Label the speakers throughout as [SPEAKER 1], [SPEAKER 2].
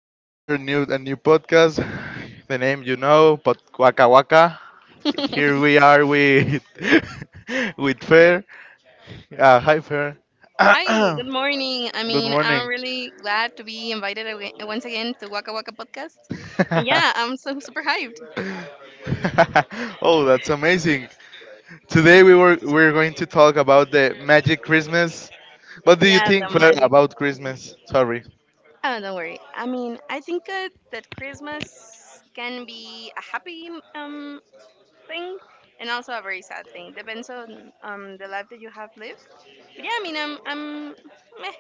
[SPEAKER 1] today we are new a new podcast. The name you know, but Waka Waka. Here we are with with Fair. Hi Fair.
[SPEAKER 2] Hi, good morning.
[SPEAKER 1] Good
[SPEAKER 2] I'm
[SPEAKER 1] morning.
[SPEAKER 2] really glad to be invited aga once again to Waka Waka Podcast. And yeah, I'm so super hyped.
[SPEAKER 1] Oh, that's amazing. Today we're going to talk about the magic Christmas. What do you
[SPEAKER 2] Yeah, the
[SPEAKER 1] think Fair
[SPEAKER 2] magic.
[SPEAKER 1] about Christmas? Sorry.
[SPEAKER 2] Oh, don't worry. I think that Christmas can be a happy um thing and also a very sad thing. Depends on the life that you have lived. But yeah, I'm meh.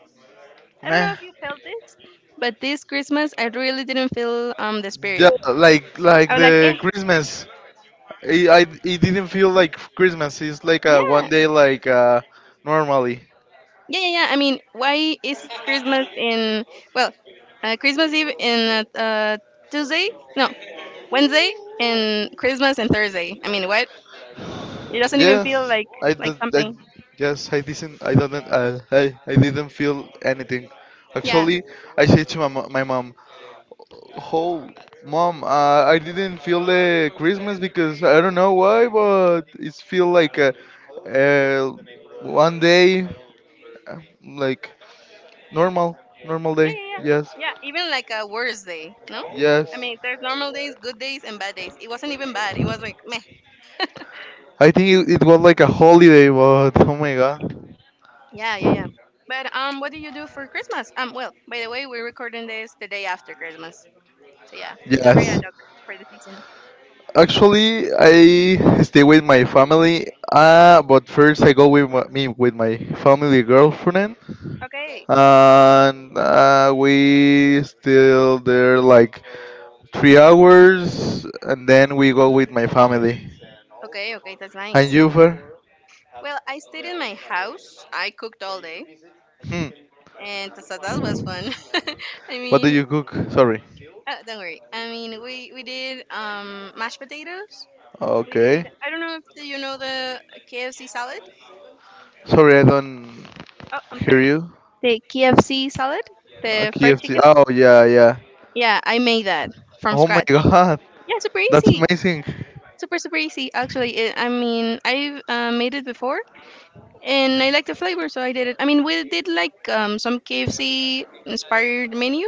[SPEAKER 2] I don't
[SPEAKER 1] Meh.
[SPEAKER 2] know if you felt this, but this Christmas I really didn't feel the
[SPEAKER 1] Yeah,
[SPEAKER 2] spirit.
[SPEAKER 1] like
[SPEAKER 2] I
[SPEAKER 1] like
[SPEAKER 2] was like,
[SPEAKER 1] the
[SPEAKER 2] eh,
[SPEAKER 1] Christmas. It didn't feel like Christmas. It's like a
[SPEAKER 2] yeah.
[SPEAKER 1] one day like normally.
[SPEAKER 2] Yeah, yeah, yeah. I mean, why is Christmas in well, Christmas Eve in Tuesday? No, Wednesday and Christmas and Thursday. I mean, what? It doesn't even feel
[SPEAKER 1] Yes,
[SPEAKER 2] like
[SPEAKER 1] I did.
[SPEAKER 2] something.
[SPEAKER 1] Yes, I didn't. I didn't. I didn't feel anything.
[SPEAKER 2] Yeah,
[SPEAKER 1] Actually, I said to my my mom, "Oh, mom, I didn't feel the Christmas because I don't know why, but it's feel like a, uh one day like normal normal
[SPEAKER 2] yeah,
[SPEAKER 1] day.
[SPEAKER 2] yeah, yeah.
[SPEAKER 1] Yes,
[SPEAKER 2] Yeah, even like a worse day. No, I
[SPEAKER 1] yes.
[SPEAKER 2] mean, there's normal days, good days, and bad days. It wasn't even bad. It was like meh.
[SPEAKER 1] I think it was like a holiday, but oh my god."
[SPEAKER 2] Yeah, yeah, yeah. But what do you do for Christmas? Well, by the way, we're recording this the day after Christmas. So yeah, it's very ad
[SPEAKER 1] Yes.
[SPEAKER 2] hoc for the season.
[SPEAKER 1] Actually, I stay with my family. But first I go with my, me with my family girlfriend,
[SPEAKER 2] Okay,
[SPEAKER 1] and we still there like 3 hours, and then we go with my family.
[SPEAKER 2] okay, okay. That's
[SPEAKER 1] And
[SPEAKER 2] nice.
[SPEAKER 1] you, Fer?
[SPEAKER 2] Well, I stayed in my house. I cooked all day,
[SPEAKER 1] Hmm.
[SPEAKER 2] and so that was fun. I
[SPEAKER 1] What do
[SPEAKER 2] mean,
[SPEAKER 1] you cook? Sorry.
[SPEAKER 2] don't worry. I mean, we did mashed potatoes. We
[SPEAKER 1] Okay.
[SPEAKER 2] did. I don't know if the, you know the KFC salad.
[SPEAKER 1] Sorry, I don't
[SPEAKER 2] Oh, I'm
[SPEAKER 1] hear
[SPEAKER 2] sorry.
[SPEAKER 1] you.
[SPEAKER 2] The KFC salad, the fried
[SPEAKER 1] KFC.
[SPEAKER 2] chicken.
[SPEAKER 1] Oh yeah, yeah.
[SPEAKER 2] Yeah, I made that from
[SPEAKER 1] Oh my
[SPEAKER 2] scratch.
[SPEAKER 1] God.
[SPEAKER 2] Yeah, super
[SPEAKER 1] That's
[SPEAKER 2] easy.
[SPEAKER 1] amazing.
[SPEAKER 2] Super easy. Actually, I mean, I've made it before, and I like the flavor, so I did it. I mean, we did like some KFC inspired menu,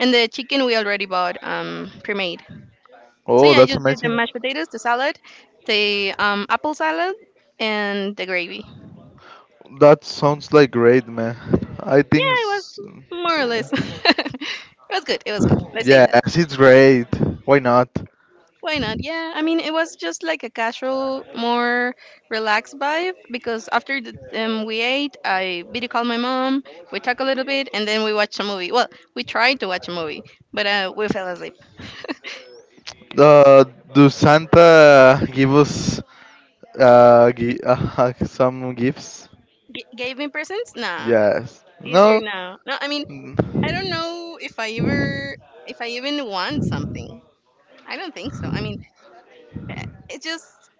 [SPEAKER 2] and the chicken we already bought pre-made. So
[SPEAKER 1] Oh,
[SPEAKER 2] yeah, I
[SPEAKER 1] that's
[SPEAKER 2] just did the
[SPEAKER 1] amazing.
[SPEAKER 2] mashed potatoes, the salad, the apple salad, and the gravy.
[SPEAKER 1] That sounds like great, man. I think.
[SPEAKER 2] Yeah, it was more or less. It was good. It was good. Let's say
[SPEAKER 1] Yeah,
[SPEAKER 2] that.
[SPEAKER 1] yes, it's great. Why not?
[SPEAKER 2] Why not? Yeah, I mean, it was just like a casual, more relaxed vibe because after we ate, I video called my mom, we talked a little bit, and then we watched a movie. Well, we tried to watch a movie, but we fell asleep.
[SPEAKER 1] Uh, do Santa give us some gifts?
[SPEAKER 2] G- gave me presents? Nah,
[SPEAKER 1] Yes.
[SPEAKER 2] easier
[SPEAKER 1] No.
[SPEAKER 2] now. No, no, I mean,
[SPEAKER 1] Mm.
[SPEAKER 2] I don't know if I ever, if I even want something. I don't think so. I mean, it's just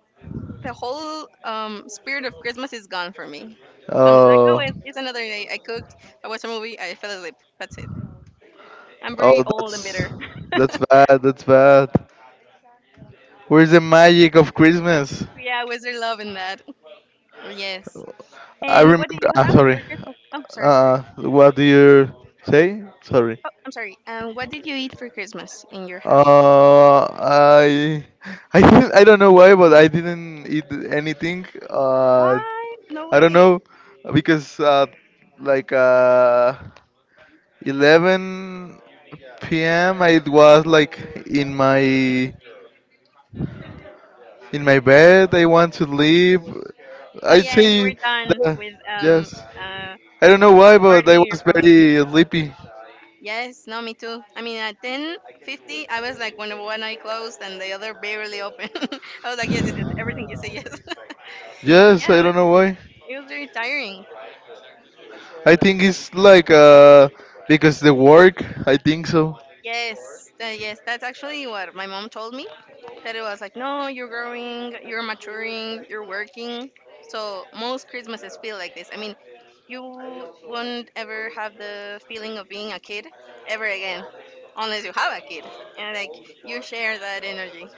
[SPEAKER 2] the whole spirit of Christmas is gone for me. So I'm just like, oh,
[SPEAKER 1] Oh,
[SPEAKER 2] it's another day. I cooked, I watched a movie, I fell asleep. That's it. I'm very
[SPEAKER 1] oh,
[SPEAKER 2] old and
[SPEAKER 1] that's
[SPEAKER 2] bitter.
[SPEAKER 1] that's bad. That's bad. Where's the magic of Christmas?
[SPEAKER 2] Yeah, wizard love in that. Yes.
[SPEAKER 1] I
[SPEAKER 2] And what did
[SPEAKER 1] remember.
[SPEAKER 2] you have
[SPEAKER 1] Sorry.
[SPEAKER 2] for Christmas? Sorry.
[SPEAKER 1] What do you say? Sorry.
[SPEAKER 2] Oh, I'm sorry. What did you eat for Christmas in your house?
[SPEAKER 1] I I don't know why, but I didn't eat anything.
[SPEAKER 2] What? No
[SPEAKER 1] I don't
[SPEAKER 2] way.
[SPEAKER 1] know because like 11 p.m. I was like in my in my bed. I want to sleep.
[SPEAKER 2] Oh
[SPEAKER 1] I'd
[SPEAKER 2] yeah, you were
[SPEAKER 1] say
[SPEAKER 2] done
[SPEAKER 1] that
[SPEAKER 2] with
[SPEAKER 1] yes.
[SPEAKER 2] uh
[SPEAKER 1] I don't know why, but I
[SPEAKER 2] partying in your
[SPEAKER 1] was
[SPEAKER 2] family.
[SPEAKER 1] very sleepy.
[SPEAKER 2] Yes, no, me too. I mean, at 10:50, I was like, when one eye closed and the other barely open. I was like, yes, yes, yes, everything you say, yes.
[SPEAKER 1] Yes,
[SPEAKER 2] yeah, it
[SPEAKER 1] I
[SPEAKER 2] was,
[SPEAKER 1] don't know why.
[SPEAKER 2] it was very tiring.
[SPEAKER 1] I think it's like because the work. I think so.
[SPEAKER 2] Yes, yes, that's actually what my mom told me. That it was like, no, you're growing, you're maturing, you're working. So most Christmases feel like this. I mean, you won't ever have the feeling of being a kid ever again, unless you have a kid and like you share that energy.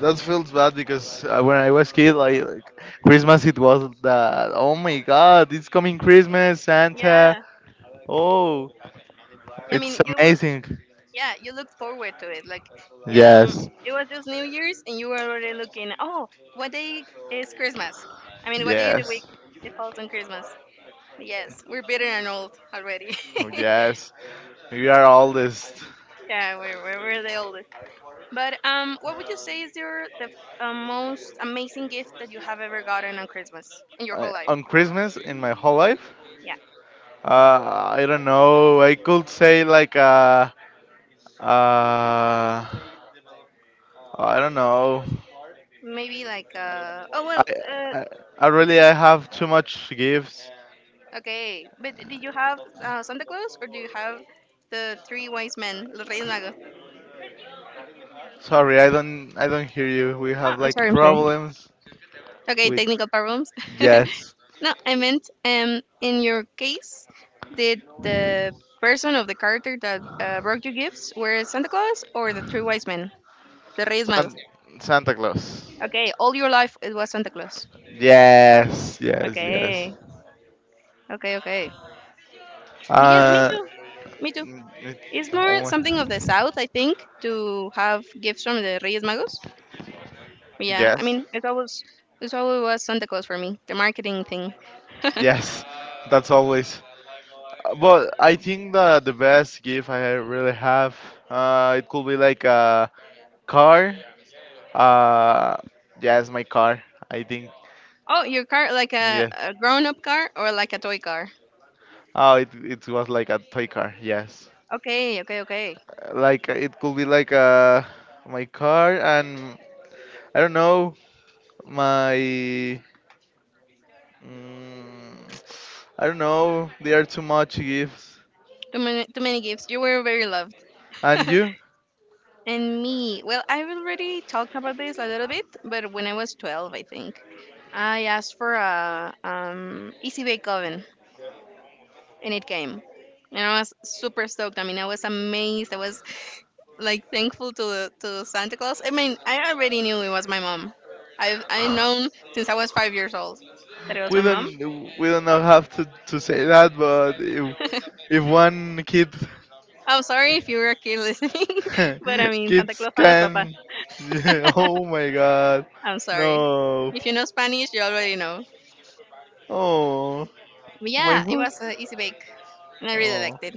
[SPEAKER 1] That feels bad because when I was kid, like Christmas, it was that. Oh my God, it's coming Christmas, Santa.
[SPEAKER 2] Yeah,
[SPEAKER 1] Oh,
[SPEAKER 2] I
[SPEAKER 1] it's
[SPEAKER 2] mean, you will.
[SPEAKER 1] amazing.
[SPEAKER 2] Yeah, you look forward to it. Like, um,
[SPEAKER 1] Yes,
[SPEAKER 2] it was just New Year's, and you were already looking. Oh, what day is Christmas? I mean, what day of the week
[SPEAKER 1] yes,
[SPEAKER 2] it falls on Christmas? Yes, we're bitter and old already.
[SPEAKER 1] oh yes. We are oldest.
[SPEAKER 2] Yeah, we're the oldest. But what would you say is your the most amazing gift that you have ever gotten on Christmas in your whole life?
[SPEAKER 1] On Christmas in my whole life,
[SPEAKER 2] Yeah,
[SPEAKER 1] I don't know. I could say like uh, I don't know.
[SPEAKER 2] maybe like oh well
[SPEAKER 1] I,
[SPEAKER 2] uh
[SPEAKER 1] I, I really
[SPEAKER 2] did
[SPEAKER 1] I have too much gifts.
[SPEAKER 2] okay, but did you have Santa Claus or do you have the three wise men, los Reyes Magos?
[SPEAKER 1] Sorry, I don't hear you. We
[SPEAKER 2] Oh,
[SPEAKER 1] have
[SPEAKER 2] I'm
[SPEAKER 1] like
[SPEAKER 2] sorry, I'm sorry.
[SPEAKER 1] problems
[SPEAKER 2] Okay,
[SPEAKER 1] with.
[SPEAKER 2] technical problems.
[SPEAKER 1] Yes.
[SPEAKER 2] No, I meant in your case, did the person of the character that brought you gifts were Santa Claus or the three wise men, the Reyes
[SPEAKER 1] San,
[SPEAKER 2] Magos?
[SPEAKER 1] Santa Claus.
[SPEAKER 2] Okay, all your life it was Santa Claus.
[SPEAKER 1] Yes, yes, yes.
[SPEAKER 2] Okay, okay, okay. But yes, me
[SPEAKER 1] Uh
[SPEAKER 2] too. Me too.
[SPEAKER 1] mm, it,
[SPEAKER 2] It's more
[SPEAKER 1] oh,
[SPEAKER 2] something of the South, I think, to have gifts from the Reyes Magos. But yeah, I
[SPEAKER 1] yes.
[SPEAKER 2] mean, it's always was Santa Claus for me, the marketing thing.
[SPEAKER 1] Yes. That's always. But I think that the best gift I really have it could be like a car. Uh yes, my car. I think.
[SPEAKER 2] Oh, your car, like
[SPEAKER 1] Yeah.
[SPEAKER 2] a grown-up car or like a toy car?
[SPEAKER 1] Oh, it was like a toy car. Yes.
[SPEAKER 2] Okay, okay, okay.
[SPEAKER 1] Like, it could be like my car, and I don't know, my mm, I don't know, they are too much gifts
[SPEAKER 2] Too many gifts. You were very loved.
[SPEAKER 1] and you,
[SPEAKER 2] And me, well, I've already talked about this a little bit, but when I was 12, I think, I asked for a easy bake oven, and it came. And I was super stoked. I mean, I was amazed. I was like thankful to Santa Claus. I mean, I already knew it was my mom. I known since I was 5 years old that it was my
[SPEAKER 1] we don't
[SPEAKER 2] mom.
[SPEAKER 1] we don't know have to say that, but if one kid
[SPEAKER 2] I'm sorry if you were a kid listening, but I mean, Santa
[SPEAKER 1] kids
[SPEAKER 2] Claus son los papás.
[SPEAKER 1] can, yeah, oh my god,
[SPEAKER 2] I'm sorry.
[SPEAKER 1] no.
[SPEAKER 2] If you know Spanish, you already know.
[SPEAKER 1] Oh
[SPEAKER 2] But
[SPEAKER 1] my
[SPEAKER 2] yeah, it
[SPEAKER 1] foot.
[SPEAKER 2] was an easy bake, and I really
[SPEAKER 1] Oh,
[SPEAKER 2] liked it.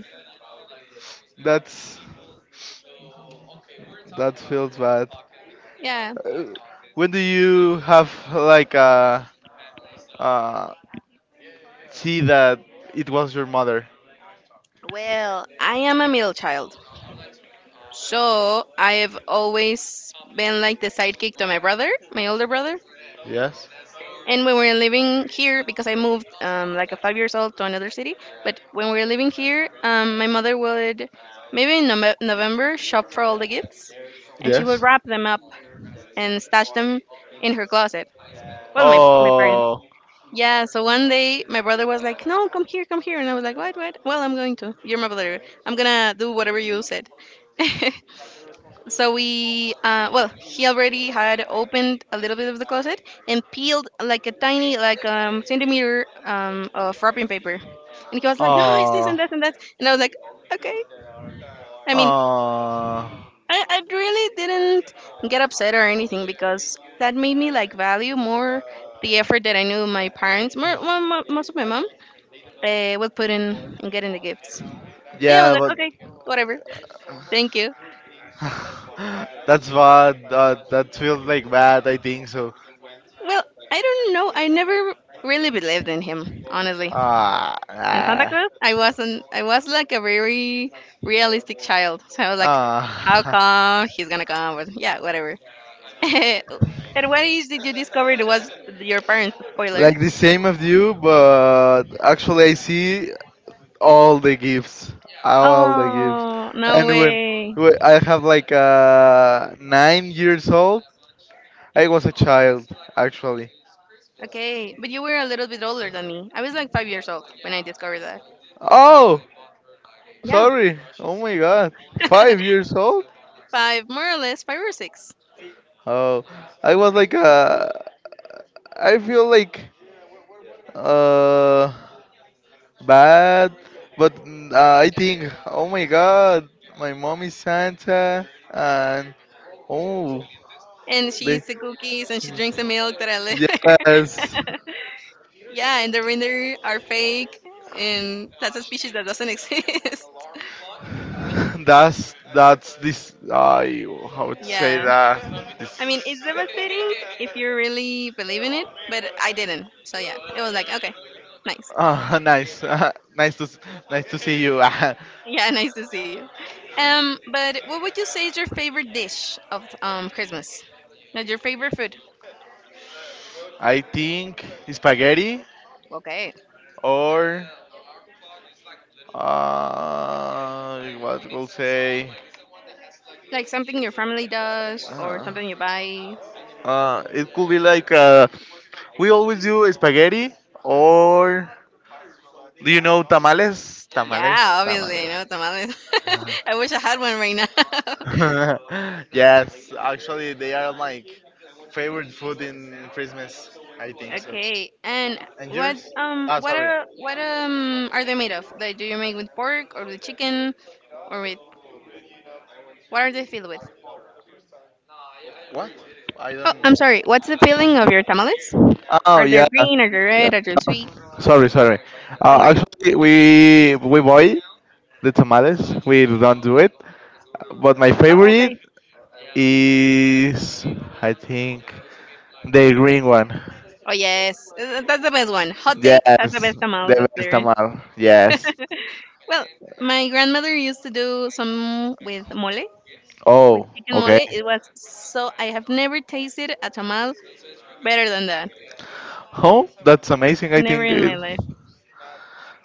[SPEAKER 1] that's that feels bad.
[SPEAKER 2] Yeah.
[SPEAKER 1] Uh, when do you have like a, uh, see that it was your mother.
[SPEAKER 2] Well, I am a middle child, so I've always been like the sidekick to my brother, my older brother.
[SPEAKER 1] Yes.
[SPEAKER 2] And when we were living here, because I moved like a 5 years old to another city, but when we were living here, my mother would maybe in November shop for all the gifts, and she would
[SPEAKER 1] Yes.
[SPEAKER 2] wrap them up and stash them in her closet. Well, my parents.
[SPEAKER 1] Oh.
[SPEAKER 2] Yeah, so one day my brother was like, "No, come here," and I was like, "What, what? Well, I'm going to. You're my brother. I'm gonna do whatever you said." So we, well, he already had opened a little bit of the closet and peeled like a tiny, like centimeter of wrapping paper, and he was like, "No, it's this
[SPEAKER 1] Oh.
[SPEAKER 2] and that and that," and I was like, "Okay." I mean,
[SPEAKER 1] Oh.
[SPEAKER 2] I really didn't get upset or anything because that made me like value more the effort that I knew my parents, most of my mom will putting and getting the gifts. So yeah, I was
[SPEAKER 1] Yeah,
[SPEAKER 2] like,
[SPEAKER 1] but
[SPEAKER 2] okay, whatever, thank you.
[SPEAKER 1] that's bad. That feels like bad. I think so.
[SPEAKER 2] Well, I don't know. I never really believed in him, honestly.
[SPEAKER 1] Ah.
[SPEAKER 2] In Santa
[SPEAKER 1] Ah.
[SPEAKER 2] Claus, I wasn't. I was like a very realistic child. So I was like, how
[SPEAKER 1] Ah.
[SPEAKER 2] come he's gonna come? But yeah, whatever. And what is did you discover it was your parents? Spoiler.
[SPEAKER 1] Like the same of you, but actually I see all the gifts, all the gifts.
[SPEAKER 2] Oh no
[SPEAKER 1] And when,
[SPEAKER 2] way.
[SPEAKER 1] when I have like 9 years old, I was a child actually.
[SPEAKER 2] Okay, but you were a little bit older than me. I was like 5 years old when I discovered that.
[SPEAKER 1] Oh,
[SPEAKER 2] Yeah,
[SPEAKER 1] sorry. Oh my God, five years old.
[SPEAKER 2] five more or less, five or six.
[SPEAKER 1] Oh, I was like I feel like uh bad, but I think, oh my God, my mom is Santa, and oh,
[SPEAKER 2] And she
[SPEAKER 1] they.
[SPEAKER 2] eats the cookies and she drinks the milk that I left her.
[SPEAKER 1] Yes,
[SPEAKER 2] Yeah, and the reindeer are fake, and that's a species that doesn't exist.
[SPEAKER 1] that's this. I how to say
[SPEAKER 2] Yeah,
[SPEAKER 1] that?
[SPEAKER 2] I mean
[SPEAKER 1] This.
[SPEAKER 2] it's devastating if you really believe in it, but I didn't. So yeah, it was like okay, nice.
[SPEAKER 1] Ah, nice, nice to s- nice to see you.
[SPEAKER 2] Yeah, nice to see you. But what would you say is your favorite dish of Christmas? Like your favorite food?
[SPEAKER 1] I think spaghetti
[SPEAKER 2] Okay,
[SPEAKER 1] or what we'll say.
[SPEAKER 2] like something your family does or
[SPEAKER 1] Uh,
[SPEAKER 2] something you buy.
[SPEAKER 1] it could be like we always do spaghetti or do you know tamales? Tamales,
[SPEAKER 2] Yeah, obviously, I
[SPEAKER 1] tamales.
[SPEAKER 2] know tamales. I wish I had one right now.
[SPEAKER 1] Yes, actually, they are like favorite food in Christmas. I think so.
[SPEAKER 2] Okay, and
[SPEAKER 1] And yours? Sorry.
[SPEAKER 2] what are they made of? Like, do you make with pork or with chicken or with what are they filled with?
[SPEAKER 1] What? I
[SPEAKER 2] Oh,
[SPEAKER 1] don't.
[SPEAKER 2] I'm sorry. What's the filling of your tamales?
[SPEAKER 1] Oh
[SPEAKER 2] Are they
[SPEAKER 1] yeah.
[SPEAKER 2] green? Are they
[SPEAKER 1] Yeah.
[SPEAKER 2] red? Are they sweet?
[SPEAKER 1] Sorry, sorry.
[SPEAKER 2] Don't worry.
[SPEAKER 1] Actually, we buy the tamales. We don't do it. But my
[SPEAKER 2] Oh, okay.
[SPEAKER 1] favorite is, I think, the green one.
[SPEAKER 2] Oh yes, uh, that's the best one. Hot take. That's the
[SPEAKER 1] Yes,
[SPEAKER 2] best tamal
[SPEAKER 1] the
[SPEAKER 2] that
[SPEAKER 1] best
[SPEAKER 2] there is.
[SPEAKER 1] tamal. Yes.
[SPEAKER 2] Well, my grandmother used to do some with mole, with
[SPEAKER 1] Oh,
[SPEAKER 2] chicken mole.
[SPEAKER 1] okay.
[SPEAKER 2] It was so I have never tasted a tamal better than that.
[SPEAKER 1] Oh, that's amazing. I
[SPEAKER 2] Never
[SPEAKER 1] think
[SPEAKER 2] in
[SPEAKER 1] it,
[SPEAKER 2] my life.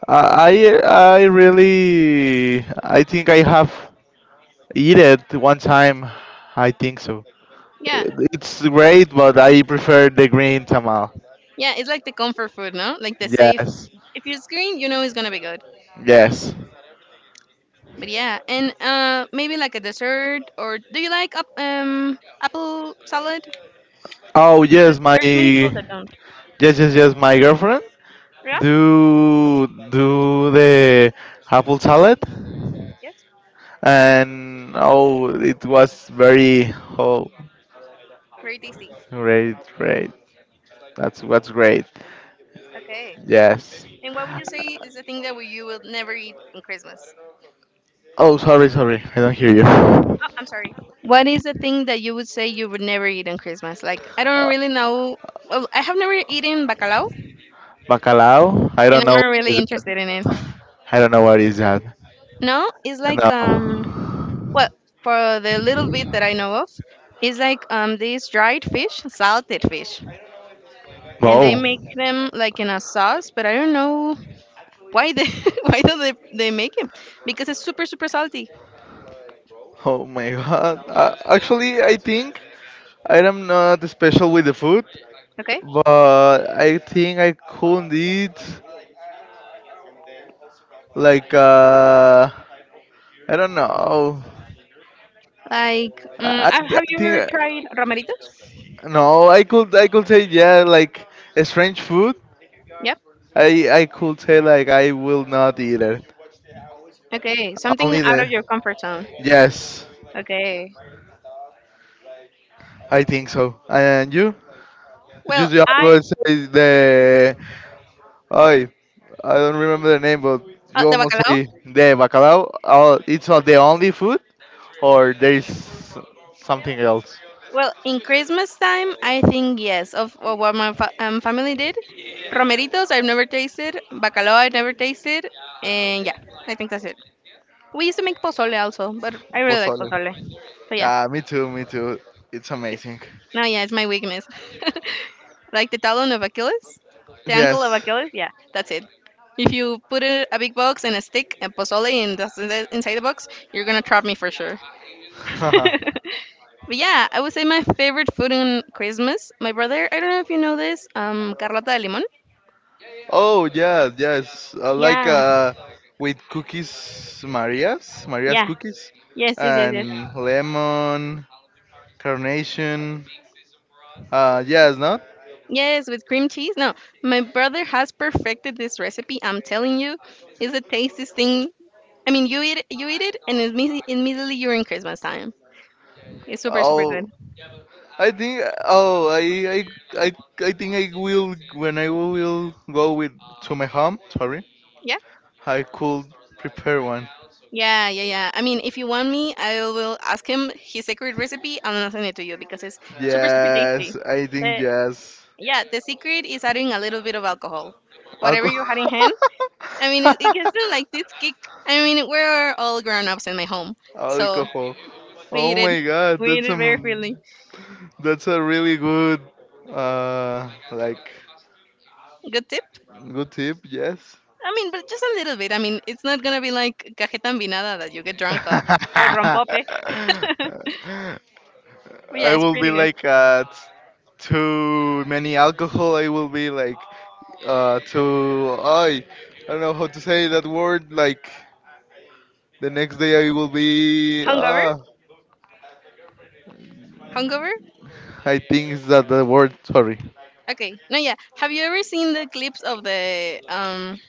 [SPEAKER 1] I I really I think I have eat it one time. I think so.
[SPEAKER 2] Yeah,
[SPEAKER 1] It's great, but I prefer the green tamal.
[SPEAKER 2] yeah, it's like the comfort food, no? Like the safe.
[SPEAKER 1] Yes.
[SPEAKER 2] If it's green, you know it's gonna be good.
[SPEAKER 1] Yes.
[SPEAKER 2] But yeah, and maybe like a dessert, or do you like up, apple salad?
[SPEAKER 1] Oh
[SPEAKER 2] Because
[SPEAKER 1] yes, my
[SPEAKER 2] there's many people that don't.
[SPEAKER 1] yes, yes, yes, my girlfriend
[SPEAKER 2] Yeah.
[SPEAKER 1] do the apple salad.
[SPEAKER 2] Yes.
[SPEAKER 1] And, oh, it was very. Oh,
[SPEAKER 2] Very tasty.
[SPEAKER 1] great, great. That's what's great.
[SPEAKER 2] Okay.
[SPEAKER 1] Yes.
[SPEAKER 2] And what would you say is the thing that we- you will never eat on Christmas?
[SPEAKER 1] Oh, sorry, sorry, I don't hear you.
[SPEAKER 2] Oh, I'm sorry. What is the thing that you would say you would never eat on Christmas? Like I don't really know. Well, I have never eaten bacalao,
[SPEAKER 1] Bacalao, I
[SPEAKER 2] and
[SPEAKER 1] don't
[SPEAKER 2] I'm
[SPEAKER 1] know
[SPEAKER 2] not
[SPEAKER 1] what is
[SPEAKER 2] really
[SPEAKER 1] that.
[SPEAKER 2] interested in it.
[SPEAKER 1] I don't know what is that.
[SPEAKER 2] No, it's like
[SPEAKER 1] No.
[SPEAKER 2] well for the little bit that I know of, it's like these dried fish, salted fish, and they
[SPEAKER 1] Wow.
[SPEAKER 2] make them like in a sauce, but I don't know why they why do they make it because it's super super salty.
[SPEAKER 1] Oh my god, actually I think I am not special with the food,
[SPEAKER 2] Okay,
[SPEAKER 1] but I think I couldn't eat like, I don't know,
[SPEAKER 2] like
[SPEAKER 1] i, I
[SPEAKER 2] have
[SPEAKER 1] I
[SPEAKER 2] you ever
[SPEAKER 1] think.
[SPEAKER 2] tried romeritos?
[SPEAKER 1] No, I could say yeah, like a strange food.
[SPEAKER 2] Yep.
[SPEAKER 1] I could say like I will not eat it.
[SPEAKER 2] Okay, something
[SPEAKER 1] Only
[SPEAKER 2] out of
[SPEAKER 1] the,
[SPEAKER 2] your comfort zone.
[SPEAKER 1] yes,
[SPEAKER 2] Okay.
[SPEAKER 1] I think so. And you?
[SPEAKER 2] Well,
[SPEAKER 1] Just you
[SPEAKER 2] I
[SPEAKER 1] always say the, I I don't remember the name, but you
[SPEAKER 2] the
[SPEAKER 1] almost
[SPEAKER 2] bacalao.
[SPEAKER 1] say the bacalao. Oh, it's not the only food, or there is something else.
[SPEAKER 2] Well, in Christmas time, I think yes, of what my family did. Romeritos, I've never tasted. Bacalao, I've never tasted. And yeah, I think that's it. We used to make pozole also, but I really like
[SPEAKER 1] Pozole.
[SPEAKER 2] pozole. So yeah,
[SPEAKER 1] Yeah, me too, me too. It's amazing.
[SPEAKER 2] no, yeah, it's my weakness. Like the talon of Achilles, the ankle of
[SPEAKER 1] Yes.
[SPEAKER 2] Achilles. Yeah, that's it. If you put a big box and a stick and pozole and that's in inside the box, you're gonna trap me for sure. But yeah, I would say my favorite food on Christmas. My brother, I don't know if you know this, Carlota de Limon.
[SPEAKER 1] Oh yeah, yes. Like
[SPEAKER 2] Yeah,
[SPEAKER 1] with cookies, Maria's
[SPEAKER 2] yeah.
[SPEAKER 1] cookies,
[SPEAKER 2] Yes, yes, yes, yes.
[SPEAKER 1] and lemon, carnation. Yes, not.
[SPEAKER 2] Yes, with cream cheese. No, my brother has perfected this recipe. I'm telling you, it's the tastiest thing. I mean, you eat it, and immediately, immediately you're in Christmas time. It's super, super
[SPEAKER 1] Oh,
[SPEAKER 2] good.
[SPEAKER 1] I think. Oh, I, I, I think I will, when I will go with, to my home. Sorry,
[SPEAKER 2] Yeah,
[SPEAKER 1] I could prepare one.
[SPEAKER 2] yeah, yeah, yeah. I mean, if you want me, I will ask him his secret recipe, and I'll send it to you because it's super, super
[SPEAKER 1] Yes,
[SPEAKER 2] tasty.
[SPEAKER 1] I think
[SPEAKER 2] But.
[SPEAKER 1] yes.
[SPEAKER 2] Yeah, the secret is adding a little bit of alcohol, whatever
[SPEAKER 1] Alcohol.
[SPEAKER 2] you had in hand. I mean, it gives them like this kick. I mean, we're all grown ups in my home, so
[SPEAKER 1] Alcohol.
[SPEAKER 2] we
[SPEAKER 1] Oh
[SPEAKER 2] eat it.
[SPEAKER 1] my God.
[SPEAKER 2] We eat it very freely.
[SPEAKER 1] That's a really good, like,
[SPEAKER 2] Good tip.
[SPEAKER 1] good tip. Yes.
[SPEAKER 2] I mean, but just a little bit. I mean, it's not gonna be like cajeta ambinada that you get drunk of or rompope.
[SPEAKER 1] I
[SPEAKER 2] But yeah, it's
[SPEAKER 1] will be
[SPEAKER 2] pretty good.
[SPEAKER 1] like too many alcohol. I will be like too. I don't know how to say that word. Like the next day, I will be.
[SPEAKER 2] Hungover? Hungover?
[SPEAKER 1] I think is that the word. Sorry.
[SPEAKER 2] Okay. No, yeah. Have you ever seen the clips of the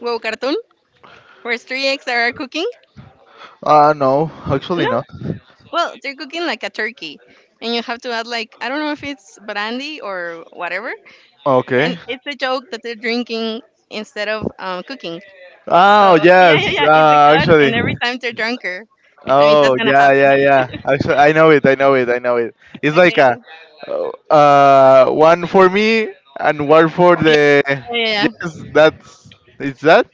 [SPEAKER 2] WoW cartoon where three eggs are cooking?
[SPEAKER 1] No, actually
[SPEAKER 2] No,
[SPEAKER 1] not.
[SPEAKER 2] well, they're cooking like a turkey, and you have to add like I don't know if it's brandy or whatever, and
[SPEAKER 1] Okay.
[SPEAKER 2] it's a joke that they're drinking instead of cooking. So
[SPEAKER 1] Oh
[SPEAKER 2] yeah, yeah,
[SPEAKER 1] yes.
[SPEAKER 2] yeah, it's a cut,
[SPEAKER 1] Actually.
[SPEAKER 2] and every time they're drunker. I mean, that's
[SPEAKER 1] Oh
[SPEAKER 2] gonna
[SPEAKER 1] yeah,
[SPEAKER 2] happen.
[SPEAKER 1] yeah, yeah. Actually, I know it. I know it. I know it. It's like
[SPEAKER 2] Okay,
[SPEAKER 1] a,
[SPEAKER 2] okay.
[SPEAKER 1] one for me and one for
[SPEAKER 2] Yeah,
[SPEAKER 1] the.
[SPEAKER 2] yeah, yeah. Yeah.
[SPEAKER 1] Yes, that's. It's that.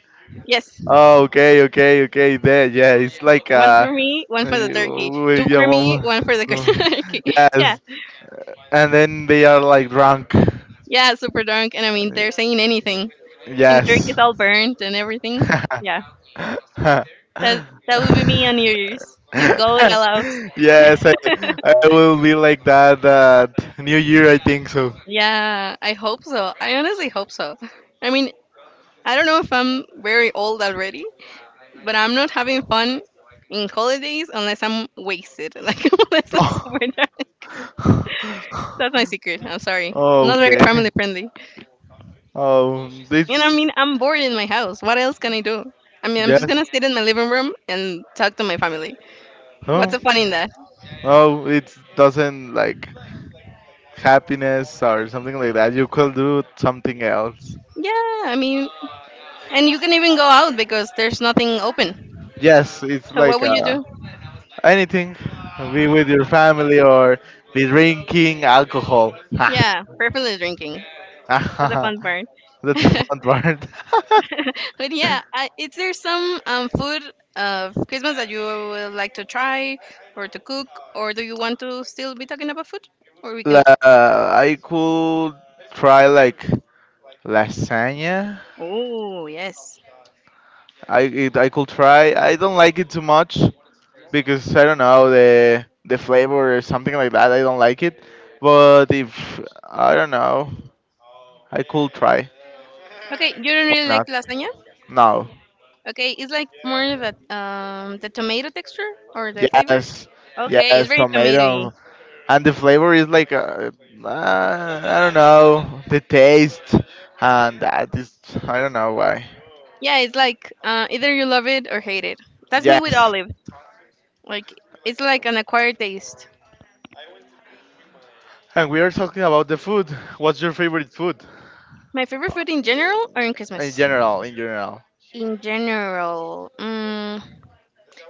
[SPEAKER 2] Yes,
[SPEAKER 1] Oh, okay, okay, okay. There, yeah. It's like
[SPEAKER 2] one
[SPEAKER 1] a.
[SPEAKER 2] for me, one for the
[SPEAKER 1] Yeah,
[SPEAKER 2] turkey.
[SPEAKER 1] one
[SPEAKER 2] Two for me,
[SPEAKER 1] for.
[SPEAKER 2] one for the
[SPEAKER 1] No.
[SPEAKER 2] turkey. Yeah,
[SPEAKER 1] Yes, and then they are like drunk.
[SPEAKER 2] yeah, super drunk, and I mean, they're saying anything, and the
[SPEAKER 1] Yes.
[SPEAKER 2] turkey's all burnt and everything. Yeah, that that would be me on New Year's if God allows.
[SPEAKER 1] Yes, I will be like that New Year, I think so.
[SPEAKER 2] Yeah, I hope so. I honestly hope so. I mean, I don't know if I'm very old already, but I'm not having fun in holidays unless I'm wasted, like unless I'm super drunk. That's my secret. I'm sorry.
[SPEAKER 1] Oh,
[SPEAKER 2] Not very
[SPEAKER 1] okay.
[SPEAKER 2] family friendly.
[SPEAKER 1] Oh,
[SPEAKER 2] And I
[SPEAKER 1] it's,
[SPEAKER 2] mean, I'm bored in my house. What else can I do? I mean, I'm just
[SPEAKER 1] yes.
[SPEAKER 2] gonna sit in my living room and talk to my family. What's
[SPEAKER 1] No,
[SPEAKER 2] the fun in that?
[SPEAKER 1] no, it doesn't like happiness or something like that. You could do something else.
[SPEAKER 2] Yeah, I mean, and you can even go out because there's nothing open.
[SPEAKER 1] Yes, it's
[SPEAKER 2] So what
[SPEAKER 1] like
[SPEAKER 2] would you do?
[SPEAKER 1] anything. Be with your family or be drinking alcohol.
[SPEAKER 2] Yeah, preferably drinking. That's the fun
[SPEAKER 1] That's
[SPEAKER 2] part.
[SPEAKER 1] the fun part.
[SPEAKER 2] But yeah, is there some food of Christmas that you would like to try or to cook, or do you want to still be talking about food? Or we can.
[SPEAKER 1] I could try like lasagna.
[SPEAKER 2] Oh yes.
[SPEAKER 1] I could try. I don't like it too much because I don't know the flavor or something like that. I don't like it. But if I don't know, I could try.
[SPEAKER 2] Okay, you don't
[SPEAKER 1] Why
[SPEAKER 2] really like
[SPEAKER 1] not?
[SPEAKER 2] lasagna.
[SPEAKER 1] No.
[SPEAKER 2] Okay, it's like more of a the tomato texture or the flavor.
[SPEAKER 1] Yes.
[SPEAKER 2] Okay, it's
[SPEAKER 1] Yes.
[SPEAKER 2] very
[SPEAKER 1] Tomato.
[SPEAKER 2] tomatoey.
[SPEAKER 1] And the flavor is like I don't know the taste, and that is, I don't know why.
[SPEAKER 2] Yeah, it's like either you love it or hate it. That's me with
[SPEAKER 1] Yes.
[SPEAKER 2] olive. Like it's like an acquired taste.
[SPEAKER 1] And we are talking about the food. What's your favorite food?
[SPEAKER 2] My favorite food in general or in
[SPEAKER 1] In
[SPEAKER 2] Christmas.
[SPEAKER 1] general, in general.
[SPEAKER 2] In general,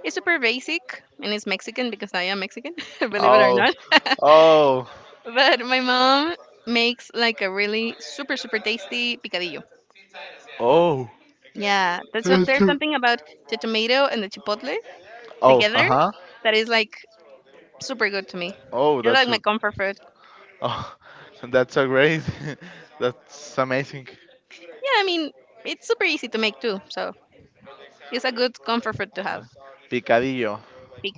[SPEAKER 2] it's super basic and it's Mexican because I am Mexican, believe it or
[SPEAKER 1] Oh,
[SPEAKER 2] not.
[SPEAKER 1] oh,
[SPEAKER 2] But my mom makes like a really super, super tasty picadillo.
[SPEAKER 1] oh.
[SPEAKER 2] Yeah, that's
[SPEAKER 1] That's
[SPEAKER 2] there's
[SPEAKER 1] too.
[SPEAKER 2] something about the tomato and the chipotle
[SPEAKER 1] Oh, uh
[SPEAKER 2] together
[SPEAKER 1] huh.
[SPEAKER 2] that is like super good to me.
[SPEAKER 1] Oh,
[SPEAKER 2] It's like my comfort food.
[SPEAKER 1] oh, that's so great. That's amazing.
[SPEAKER 2] Yeah, I mean, it's super easy to make too, so it's a good comfort food to have.
[SPEAKER 1] Picadillo.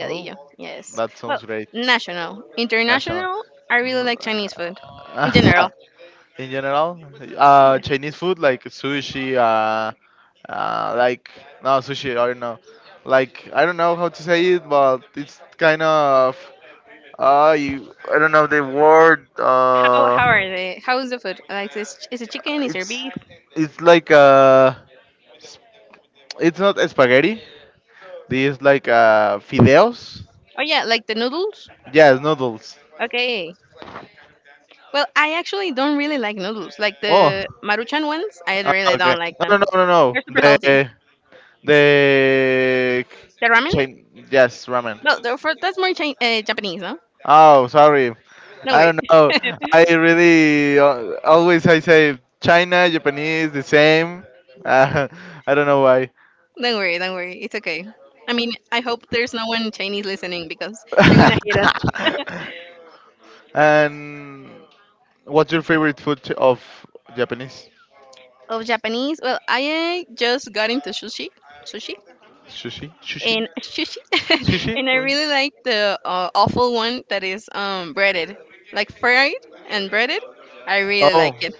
[SPEAKER 1] Oh,
[SPEAKER 2] yes.
[SPEAKER 1] that
[SPEAKER 2] Well,
[SPEAKER 1] sounds great.
[SPEAKER 2] national,
[SPEAKER 1] National.
[SPEAKER 2] international, I really like Chinese food in general.
[SPEAKER 1] In general,
[SPEAKER 2] Yeah.
[SPEAKER 1] Chinese food like sushi, like, no sushi, I don't know, like, I don't know how to say it, but it's kind of, you, I don't know the word
[SPEAKER 2] How
[SPEAKER 1] uh
[SPEAKER 2] how are they? How is the food? Like is it chicken? Is there
[SPEAKER 1] it's
[SPEAKER 2] beef?
[SPEAKER 1] it's like, it's not spaghetti, this like, fideos.
[SPEAKER 2] Oh yeah, like the noodles.
[SPEAKER 1] Yes, noodles.
[SPEAKER 2] Okay. Well, I actually don't really like noodles. Like
[SPEAKER 1] Oh,
[SPEAKER 2] the Maruchan ones, I really don't
[SPEAKER 1] okay.
[SPEAKER 2] like them.
[SPEAKER 1] No, no, no, no, no,
[SPEAKER 2] They're super
[SPEAKER 1] the,
[SPEAKER 2] salty.
[SPEAKER 1] the
[SPEAKER 2] The ramen?
[SPEAKER 1] Chin- yes, ramen.
[SPEAKER 2] No, that's more Japanese, no?
[SPEAKER 1] Oh, sorry.
[SPEAKER 2] Don't
[SPEAKER 1] I
[SPEAKER 2] worry.
[SPEAKER 1] don't know. I really, always I say China, Japanese, the same. Uh, I don't know why.
[SPEAKER 2] Don't worry. Don't worry. It's okay. I mean, I hope there's no one Chinese listening because they're gonna hate us.
[SPEAKER 1] And what's your favorite of Japanese?
[SPEAKER 2] Of Japanese, well, I just got into sushi. Sushi.
[SPEAKER 1] Sushi? Sushi?
[SPEAKER 2] And sushi
[SPEAKER 1] Sushi?
[SPEAKER 2] and I really like the awful one that is breaded like fried and breaded. I really like
[SPEAKER 1] Oh,
[SPEAKER 2] it,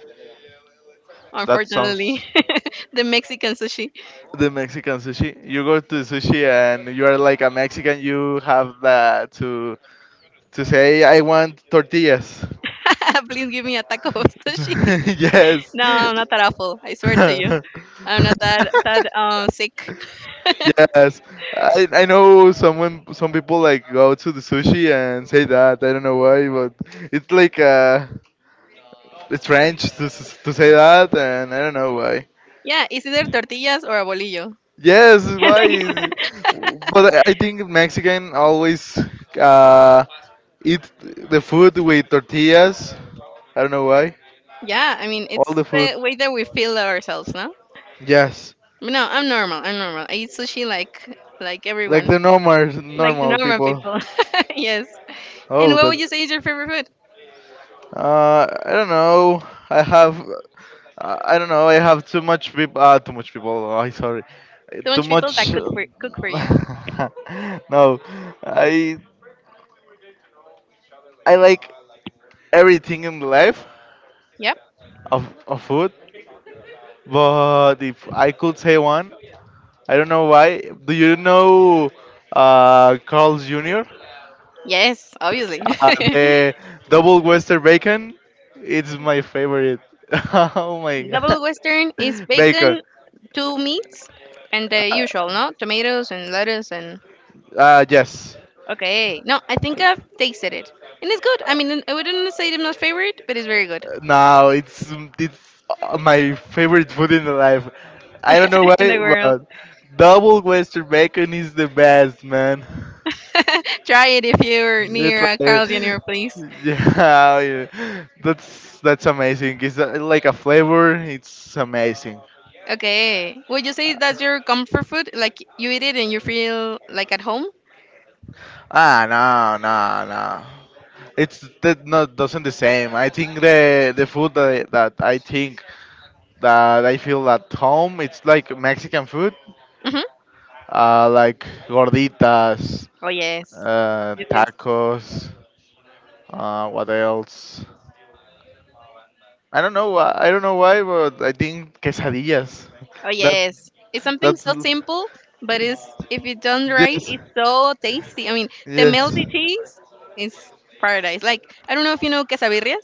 [SPEAKER 1] that
[SPEAKER 2] unfortunately.
[SPEAKER 1] sounds
[SPEAKER 2] The Mexican sushi.
[SPEAKER 1] the Mexican sushi. You go to sushi and you are like a Mexican. You have that to say I want tortillas.
[SPEAKER 2] Please give me a taco of sushi.
[SPEAKER 1] Yes.
[SPEAKER 2] No, I'm not that awful, I swear to you,
[SPEAKER 1] Yes.
[SPEAKER 2] I'm not that sick.
[SPEAKER 1] I know some people like go to the sushi and say that. I don't know why, but it's like it's French to say that, and I don't know why.
[SPEAKER 2] Yeah, it's either tortillas or a bolillo.
[SPEAKER 1] Yes, why? But I think Mexican always uh, eat the food with tortillas. I don't know why.
[SPEAKER 2] Yeah, I mean, it's
[SPEAKER 1] All the food.
[SPEAKER 2] the way that we feel ourselves, no?
[SPEAKER 1] Yes,
[SPEAKER 2] No, I'm normal, I'm normal, I eat sushi like
[SPEAKER 1] like
[SPEAKER 2] everyone,
[SPEAKER 1] the normal
[SPEAKER 2] like the
[SPEAKER 1] normal
[SPEAKER 2] normal
[SPEAKER 1] people.
[SPEAKER 2] people. Yes. And
[SPEAKER 1] Oh,
[SPEAKER 2] what would
[SPEAKER 1] that's.
[SPEAKER 2] you say is your favorite food?
[SPEAKER 1] I don't know. I have, I don't know. I have too much people. Too much people. Oh, I'm sorry. Too
[SPEAKER 2] Don't people that
[SPEAKER 1] much.
[SPEAKER 2] cook for you.
[SPEAKER 1] No, I I like everything in life
[SPEAKER 2] Yep.
[SPEAKER 1] of food. But if I could say one, I don't know why. Do you know Carl's Jr.
[SPEAKER 2] Yes, obviously.
[SPEAKER 1] The double Western bacon? It's my favorite. Oh my
[SPEAKER 2] Double Western is
[SPEAKER 1] god, bacon.
[SPEAKER 2] bacon, two meats, and the usual, no? Tomatoes and lettuce and.
[SPEAKER 1] Yes.
[SPEAKER 2] Okay. No, I think I've tasted it. And it's good. I mean, I wouldn't say it's my favorite, but it's very good.
[SPEAKER 1] No, it's my favorite food in the life. I don't know
[SPEAKER 2] In the
[SPEAKER 1] why,
[SPEAKER 2] world.
[SPEAKER 1] but double Western bacon is the best, man.
[SPEAKER 2] Try it if you're
[SPEAKER 1] You
[SPEAKER 2] near a
[SPEAKER 1] try.
[SPEAKER 2] Carl's Jr., please.
[SPEAKER 1] Yeah, yeah. That's amazing. It's like a flavor. It's amazing.
[SPEAKER 2] Okay. Would you say that's your comfort food? Like you eat it and you feel like at home?
[SPEAKER 1] No, no, no. It's that not doesn't the same. I think the food that I feel at home. It's like Mexican food,
[SPEAKER 2] Mm-hmm.
[SPEAKER 1] like gorditas,
[SPEAKER 2] Oh yes. It is.
[SPEAKER 1] tacos. What else? I don't know. I don't know why, but I think quesadillas.
[SPEAKER 2] Oh
[SPEAKER 1] That
[SPEAKER 2] yes. It's something
[SPEAKER 1] that's
[SPEAKER 2] so simple, but it's if it's done right,
[SPEAKER 1] yes,
[SPEAKER 2] it's so tasty. I mean, the
[SPEAKER 1] yes,
[SPEAKER 2] melty cheese is paradise. Like I don't know if you know quesabirrias.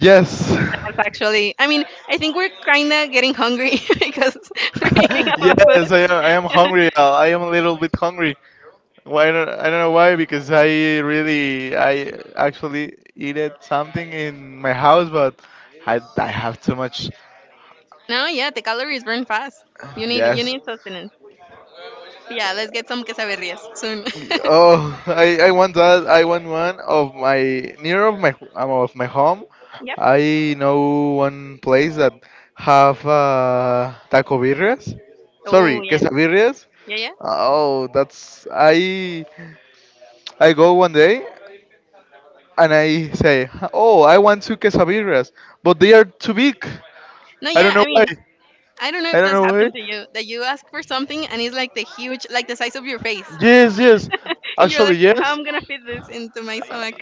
[SPEAKER 1] yes.
[SPEAKER 2] That's actually. I mean, I think we're kinda getting hungry because we're eating up our food.
[SPEAKER 1] yes, I am. I am hungry. I am a little bit hungry. Why don't I don't know why because I really I actually eat it something in my house, but I have too much.
[SPEAKER 2] No, yeah, the calories burn fast. You
[SPEAKER 1] Yes,
[SPEAKER 2] need sustenance. Yeah, let's get some quesabirrias soon.
[SPEAKER 1] oh, I want that. I want one of my near of my home.
[SPEAKER 2] Yep.
[SPEAKER 1] I know one place that have taco birrias. Sorry,
[SPEAKER 2] Oh yes.
[SPEAKER 1] quesabirrias.
[SPEAKER 2] Yeah, yeah.
[SPEAKER 1] Oh, that's I go one day and I say, oh, I want two quesabirrias, but they are too big.
[SPEAKER 2] No,
[SPEAKER 1] I don't
[SPEAKER 2] yeah. I
[SPEAKER 1] know why.
[SPEAKER 2] mean, I don't know
[SPEAKER 1] I
[SPEAKER 2] if
[SPEAKER 1] don't
[SPEAKER 2] that's
[SPEAKER 1] know why.
[SPEAKER 2] happened to you that you ask for something and it's like the huge, like the size of your face.
[SPEAKER 1] Yes, yes.
[SPEAKER 2] And you're
[SPEAKER 1] Actually,
[SPEAKER 2] like, how
[SPEAKER 1] yes.
[SPEAKER 2] am I gonna fit this into my stomach?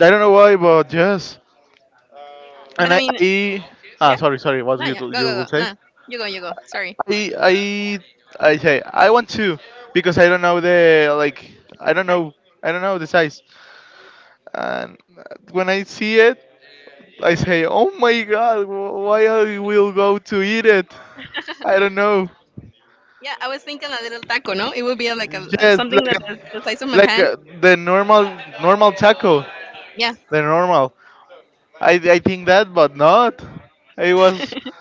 [SPEAKER 1] I don't know why, but yes.
[SPEAKER 2] But
[SPEAKER 1] And
[SPEAKER 2] I mean,
[SPEAKER 1] I ah,
[SPEAKER 2] yeah,
[SPEAKER 1] sorry, sorry. What
[SPEAKER 2] no,
[SPEAKER 1] you
[SPEAKER 2] yeah, go,
[SPEAKER 1] you
[SPEAKER 2] go,
[SPEAKER 1] will
[SPEAKER 2] go,
[SPEAKER 1] say?
[SPEAKER 2] no, you go, you go. Sorry.
[SPEAKER 1] I I say I want to because I don't know the like I
[SPEAKER 2] The
[SPEAKER 1] don't
[SPEAKER 2] size.
[SPEAKER 1] know I don't know the size and when I see it I say oh my god, why I will go to eat it I don't know,
[SPEAKER 2] Yeah, I was thinking a little taco, no? It would be like a
[SPEAKER 1] yes
[SPEAKER 2] something
[SPEAKER 1] like
[SPEAKER 2] that is the size of my pan.
[SPEAKER 1] the normal taco
[SPEAKER 2] Yeah.
[SPEAKER 1] the normal I think that but not I was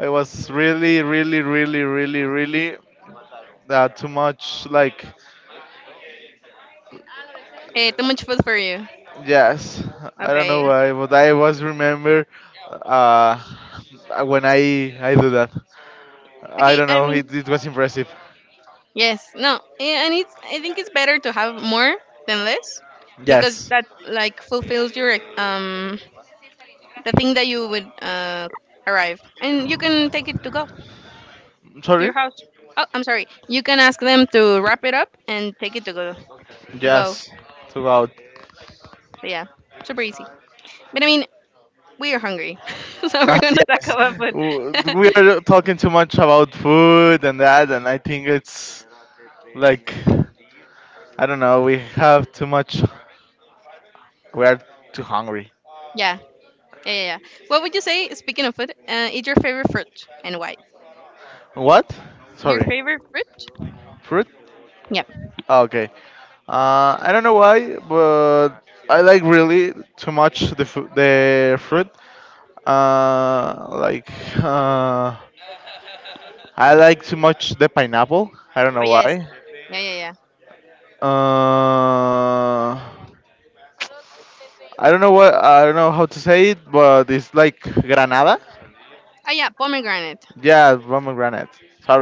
[SPEAKER 1] I was really that too much like
[SPEAKER 2] Hey, too much food for you.
[SPEAKER 1] yes, I don't know
[SPEAKER 2] Okay.
[SPEAKER 1] why, but I always remember uh, when I do that. I
[SPEAKER 2] Okay.
[SPEAKER 1] don't
[SPEAKER 2] I
[SPEAKER 1] know. It,
[SPEAKER 2] mean,
[SPEAKER 1] it was impressive.
[SPEAKER 2] yes. No. And it's. I think it's better to have more than less, because
[SPEAKER 1] Yes.
[SPEAKER 2] that like fulfills your the thing that you would arrive and you can take it to go to
[SPEAKER 1] Sorry.
[SPEAKER 2] your house. Oh, I'm sorry, you can ask them to wrap it up and take it to go.
[SPEAKER 1] Yes. Throughout.
[SPEAKER 2] So yeah, super easy, but I mean, we are hungry, so we're
[SPEAKER 1] Ah,
[SPEAKER 2] gonna talk
[SPEAKER 1] yes.
[SPEAKER 2] about food.
[SPEAKER 1] We are talking too much about food and that, and I think it's like I don't know. We have too much. We are too hungry.
[SPEAKER 2] Yeah, yeah, yeah, yeah, what would you say, speaking of food, is your favorite fruit and why?
[SPEAKER 1] What?
[SPEAKER 2] Your
[SPEAKER 1] Sorry.
[SPEAKER 2] favorite fruit.
[SPEAKER 1] Fruit?
[SPEAKER 2] Yep.
[SPEAKER 1] Okay. I don't know why, but I like really too much the fruit. Like uh, I like too much the pineapple. I don't
[SPEAKER 2] Oh
[SPEAKER 1] know
[SPEAKER 2] yes.
[SPEAKER 1] why.
[SPEAKER 2] Yeah, yeah, yeah.
[SPEAKER 1] Uh, I don't know what I don't know how to say it, but it's like granada.
[SPEAKER 2] Oh yeah, pomegranate.
[SPEAKER 1] Yeah, pomegranate.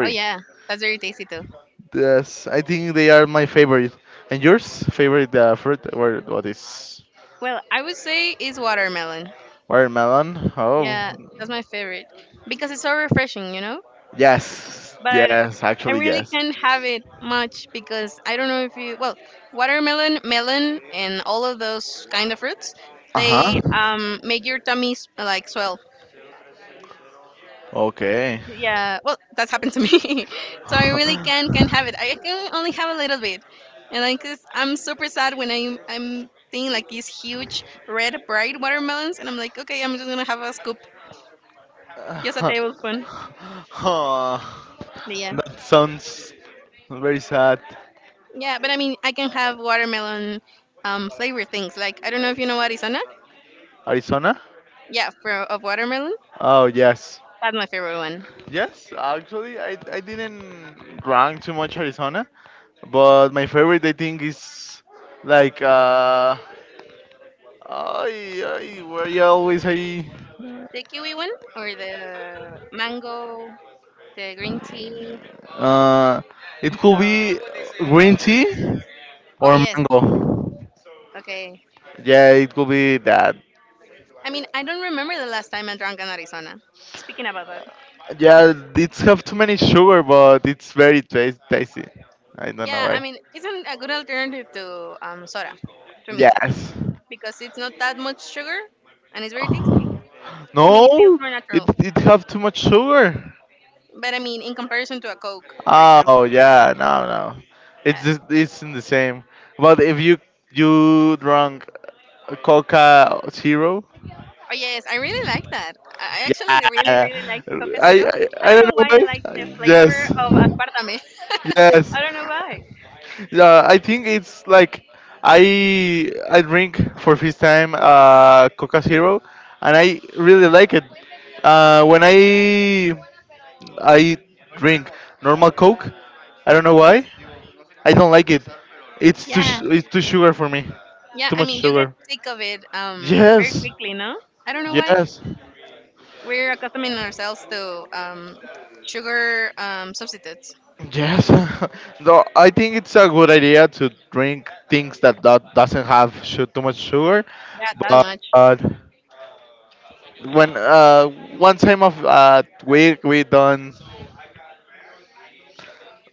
[SPEAKER 2] Oh yeah, that's very tasty too.
[SPEAKER 1] Yes, I think they are my favorite. And yours? Favorite fruit? Or what is
[SPEAKER 2] Well, I would say is watermelon.
[SPEAKER 1] watermelon? Oh.
[SPEAKER 2] Yeah, that's my favorite because it's so refreshing, you know?
[SPEAKER 1] Yes.
[SPEAKER 2] But
[SPEAKER 1] Yes.
[SPEAKER 2] I
[SPEAKER 1] Actually,
[SPEAKER 2] really
[SPEAKER 1] yes.
[SPEAKER 2] can't have it much because I don't know if you well, watermelon, melon and all of those kind of fruits,
[SPEAKER 1] Uh
[SPEAKER 2] they
[SPEAKER 1] huh.
[SPEAKER 2] make your tummy like swell.
[SPEAKER 1] Okay.
[SPEAKER 2] Yeah, well, that's happened to me. So I really can have it. I can only have a little bit. And like this, I'm super sad when I'm seeing like these huge red bright watermelons and I'm like, "Okay, I'm just going to have a scoop, just a tablespoon."
[SPEAKER 1] Huh.
[SPEAKER 2] But yeah.
[SPEAKER 1] That sounds very sad.
[SPEAKER 2] Yeah, but I mean, I can have watermelon flavor things. Like I don't know if you know arizona.
[SPEAKER 1] Arizona?
[SPEAKER 2] Yeah, for of watermelon.
[SPEAKER 1] Oh, yes.
[SPEAKER 2] That's my favorite one.
[SPEAKER 1] Yes, actually, I didn't rank too much Arizona, but my favorite, I think, is like, where you always I,
[SPEAKER 2] The kiwi one or the mango, the green tea,
[SPEAKER 1] uh, it could
[SPEAKER 2] the
[SPEAKER 1] be green tea
[SPEAKER 2] Oh
[SPEAKER 1] or
[SPEAKER 2] yes.
[SPEAKER 1] mango.
[SPEAKER 2] Okay.
[SPEAKER 1] Yeah, it could be that.
[SPEAKER 2] I mean, I don't remember the last time I drank an arizona. Speaking about that.
[SPEAKER 1] Yeah, it's have too many sugar, but it's very tasty. I don't know
[SPEAKER 2] Yeah,
[SPEAKER 1] why.
[SPEAKER 2] I mean, it's a good alternative to soda to me
[SPEAKER 1] Yes.
[SPEAKER 2] because it's not that much sugar and it's very tasty. I mean, it feels
[SPEAKER 1] No,
[SPEAKER 2] more
[SPEAKER 1] it
[SPEAKER 2] natural.
[SPEAKER 1] it have too much sugar.
[SPEAKER 2] But I mean, in comparison to a coke, for
[SPEAKER 1] Oh
[SPEAKER 2] example.
[SPEAKER 1] yeah, no no, it's
[SPEAKER 2] Yeah,
[SPEAKER 1] just, it's in the same. But if you drunk Coca Zero,
[SPEAKER 2] oh yes, I really like that. I
[SPEAKER 1] yeah,
[SPEAKER 2] actually really,
[SPEAKER 1] I
[SPEAKER 2] really like Tocacero. I don't
[SPEAKER 1] I don't
[SPEAKER 2] know
[SPEAKER 1] know
[SPEAKER 2] why I like the
[SPEAKER 1] why.
[SPEAKER 2] flavor
[SPEAKER 1] Yes,
[SPEAKER 2] of aspartame.
[SPEAKER 1] yes.
[SPEAKER 2] I don't know why.
[SPEAKER 1] Yeah, I think it's like I drink for first time Coca Zero, and
[SPEAKER 2] Yeah.
[SPEAKER 1] I really like it. When I drink normal Coke, I don't know why. I don't like it. It's
[SPEAKER 2] Yeah.
[SPEAKER 1] it's too sugar for me.
[SPEAKER 2] Yeah.
[SPEAKER 1] Too
[SPEAKER 2] I
[SPEAKER 1] much
[SPEAKER 2] mean, you get
[SPEAKER 1] sugar.
[SPEAKER 2] sick of it very
[SPEAKER 1] Yes,
[SPEAKER 2] quickly, no? I don't know why.
[SPEAKER 1] yes,
[SPEAKER 2] We're accustoming ourselves to sugar substitutes.
[SPEAKER 1] yes. No, I think it's a good idea to drink things that, that doesn't have too much sugar,
[SPEAKER 2] Yeah, that
[SPEAKER 1] but.
[SPEAKER 2] much.
[SPEAKER 1] When one time of week we don't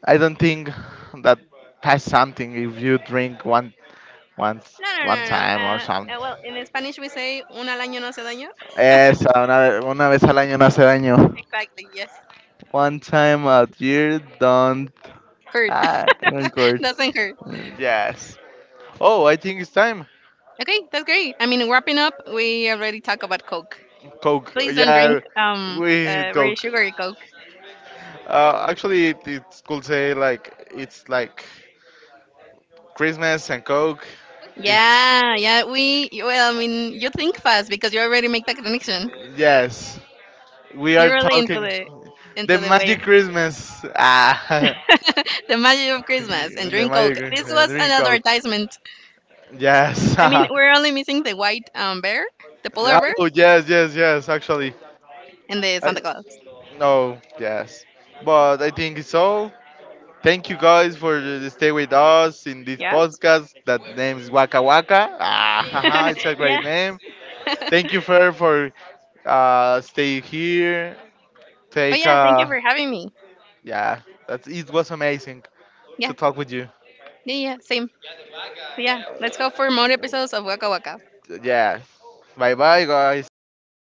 [SPEAKER 1] I don't think that pass something if you drink one
[SPEAKER 2] No, no,
[SPEAKER 1] one
[SPEAKER 2] no, no.
[SPEAKER 1] time or something.
[SPEAKER 2] Well, in Spanish we say un al año no hace daño.
[SPEAKER 1] Esa, una, una vez al año no hace daño.
[SPEAKER 2] Exactly. Yes.
[SPEAKER 1] One time a year don't
[SPEAKER 2] Hurt.
[SPEAKER 1] ah don't
[SPEAKER 2] Doesn't hurt.
[SPEAKER 1] yes. Oh, I think it's time.
[SPEAKER 2] Okay, that's great. I mean, wrapping up, we already talked about Coke.
[SPEAKER 1] Coke.
[SPEAKER 2] Please don't drink
[SPEAKER 1] Yeah, we
[SPEAKER 2] very
[SPEAKER 1] Coke.
[SPEAKER 2] sugary Coke.
[SPEAKER 1] Actually, it could say like it's like Christmas and Coke. It's
[SPEAKER 2] Yeah, yeah. We Well, I mean, you think fast because you already make that connection.
[SPEAKER 1] yes. We are
[SPEAKER 2] You're really into
[SPEAKER 1] talking
[SPEAKER 2] the
[SPEAKER 1] the
[SPEAKER 2] wave,
[SPEAKER 1] magic Christmas. Ah,
[SPEAKER 2] the magic of Christmas, and
[SPEAKER 1] the
[SPEAKER 2] drink Coke.
[SPEAKER 1] magic
[SPEAKER 2] This was an
[SPEAKER 1] drink coke.
[SPEAKER 2] advertisement.
[SPEAKER 1] Yes.
[SPEAKER 2] I mean, we're only missing the white bear, the polar bear,
[SPEAKER 1] oh yes, yes, yes. Actually,
[SPEAKER 2] and the
[SPEAKER 1] I
[SPEAKER 2] Santa Claus.
[SPEAKER 1] no yes, but I think so. Thank you guys for stay with us in this
[SPEAKER 2] Yeah,
[SPEAKER 1] podcast. That name is Waka Waka. Ah, haha, it's a
[SPEAKER 2] yeah.
[SPEAKER 1] great name. Thank you Fer for stay here.
[SPEAKER 2] Oh
[SPEAKER 1] Take
[SPEAKER 2] yeah. Thank you for having me.
[SPEAKER 1] yeah, that's it was amazing to
[SPEAKER 2] Yeah,
[SPEAKER 1] talk with you.
[SPEAKER 2] yeah, yeah. Same. So yeah, let's go for more episodes of Waka Waka.
[SPEAKER 1] Yeah, bye bye, guys.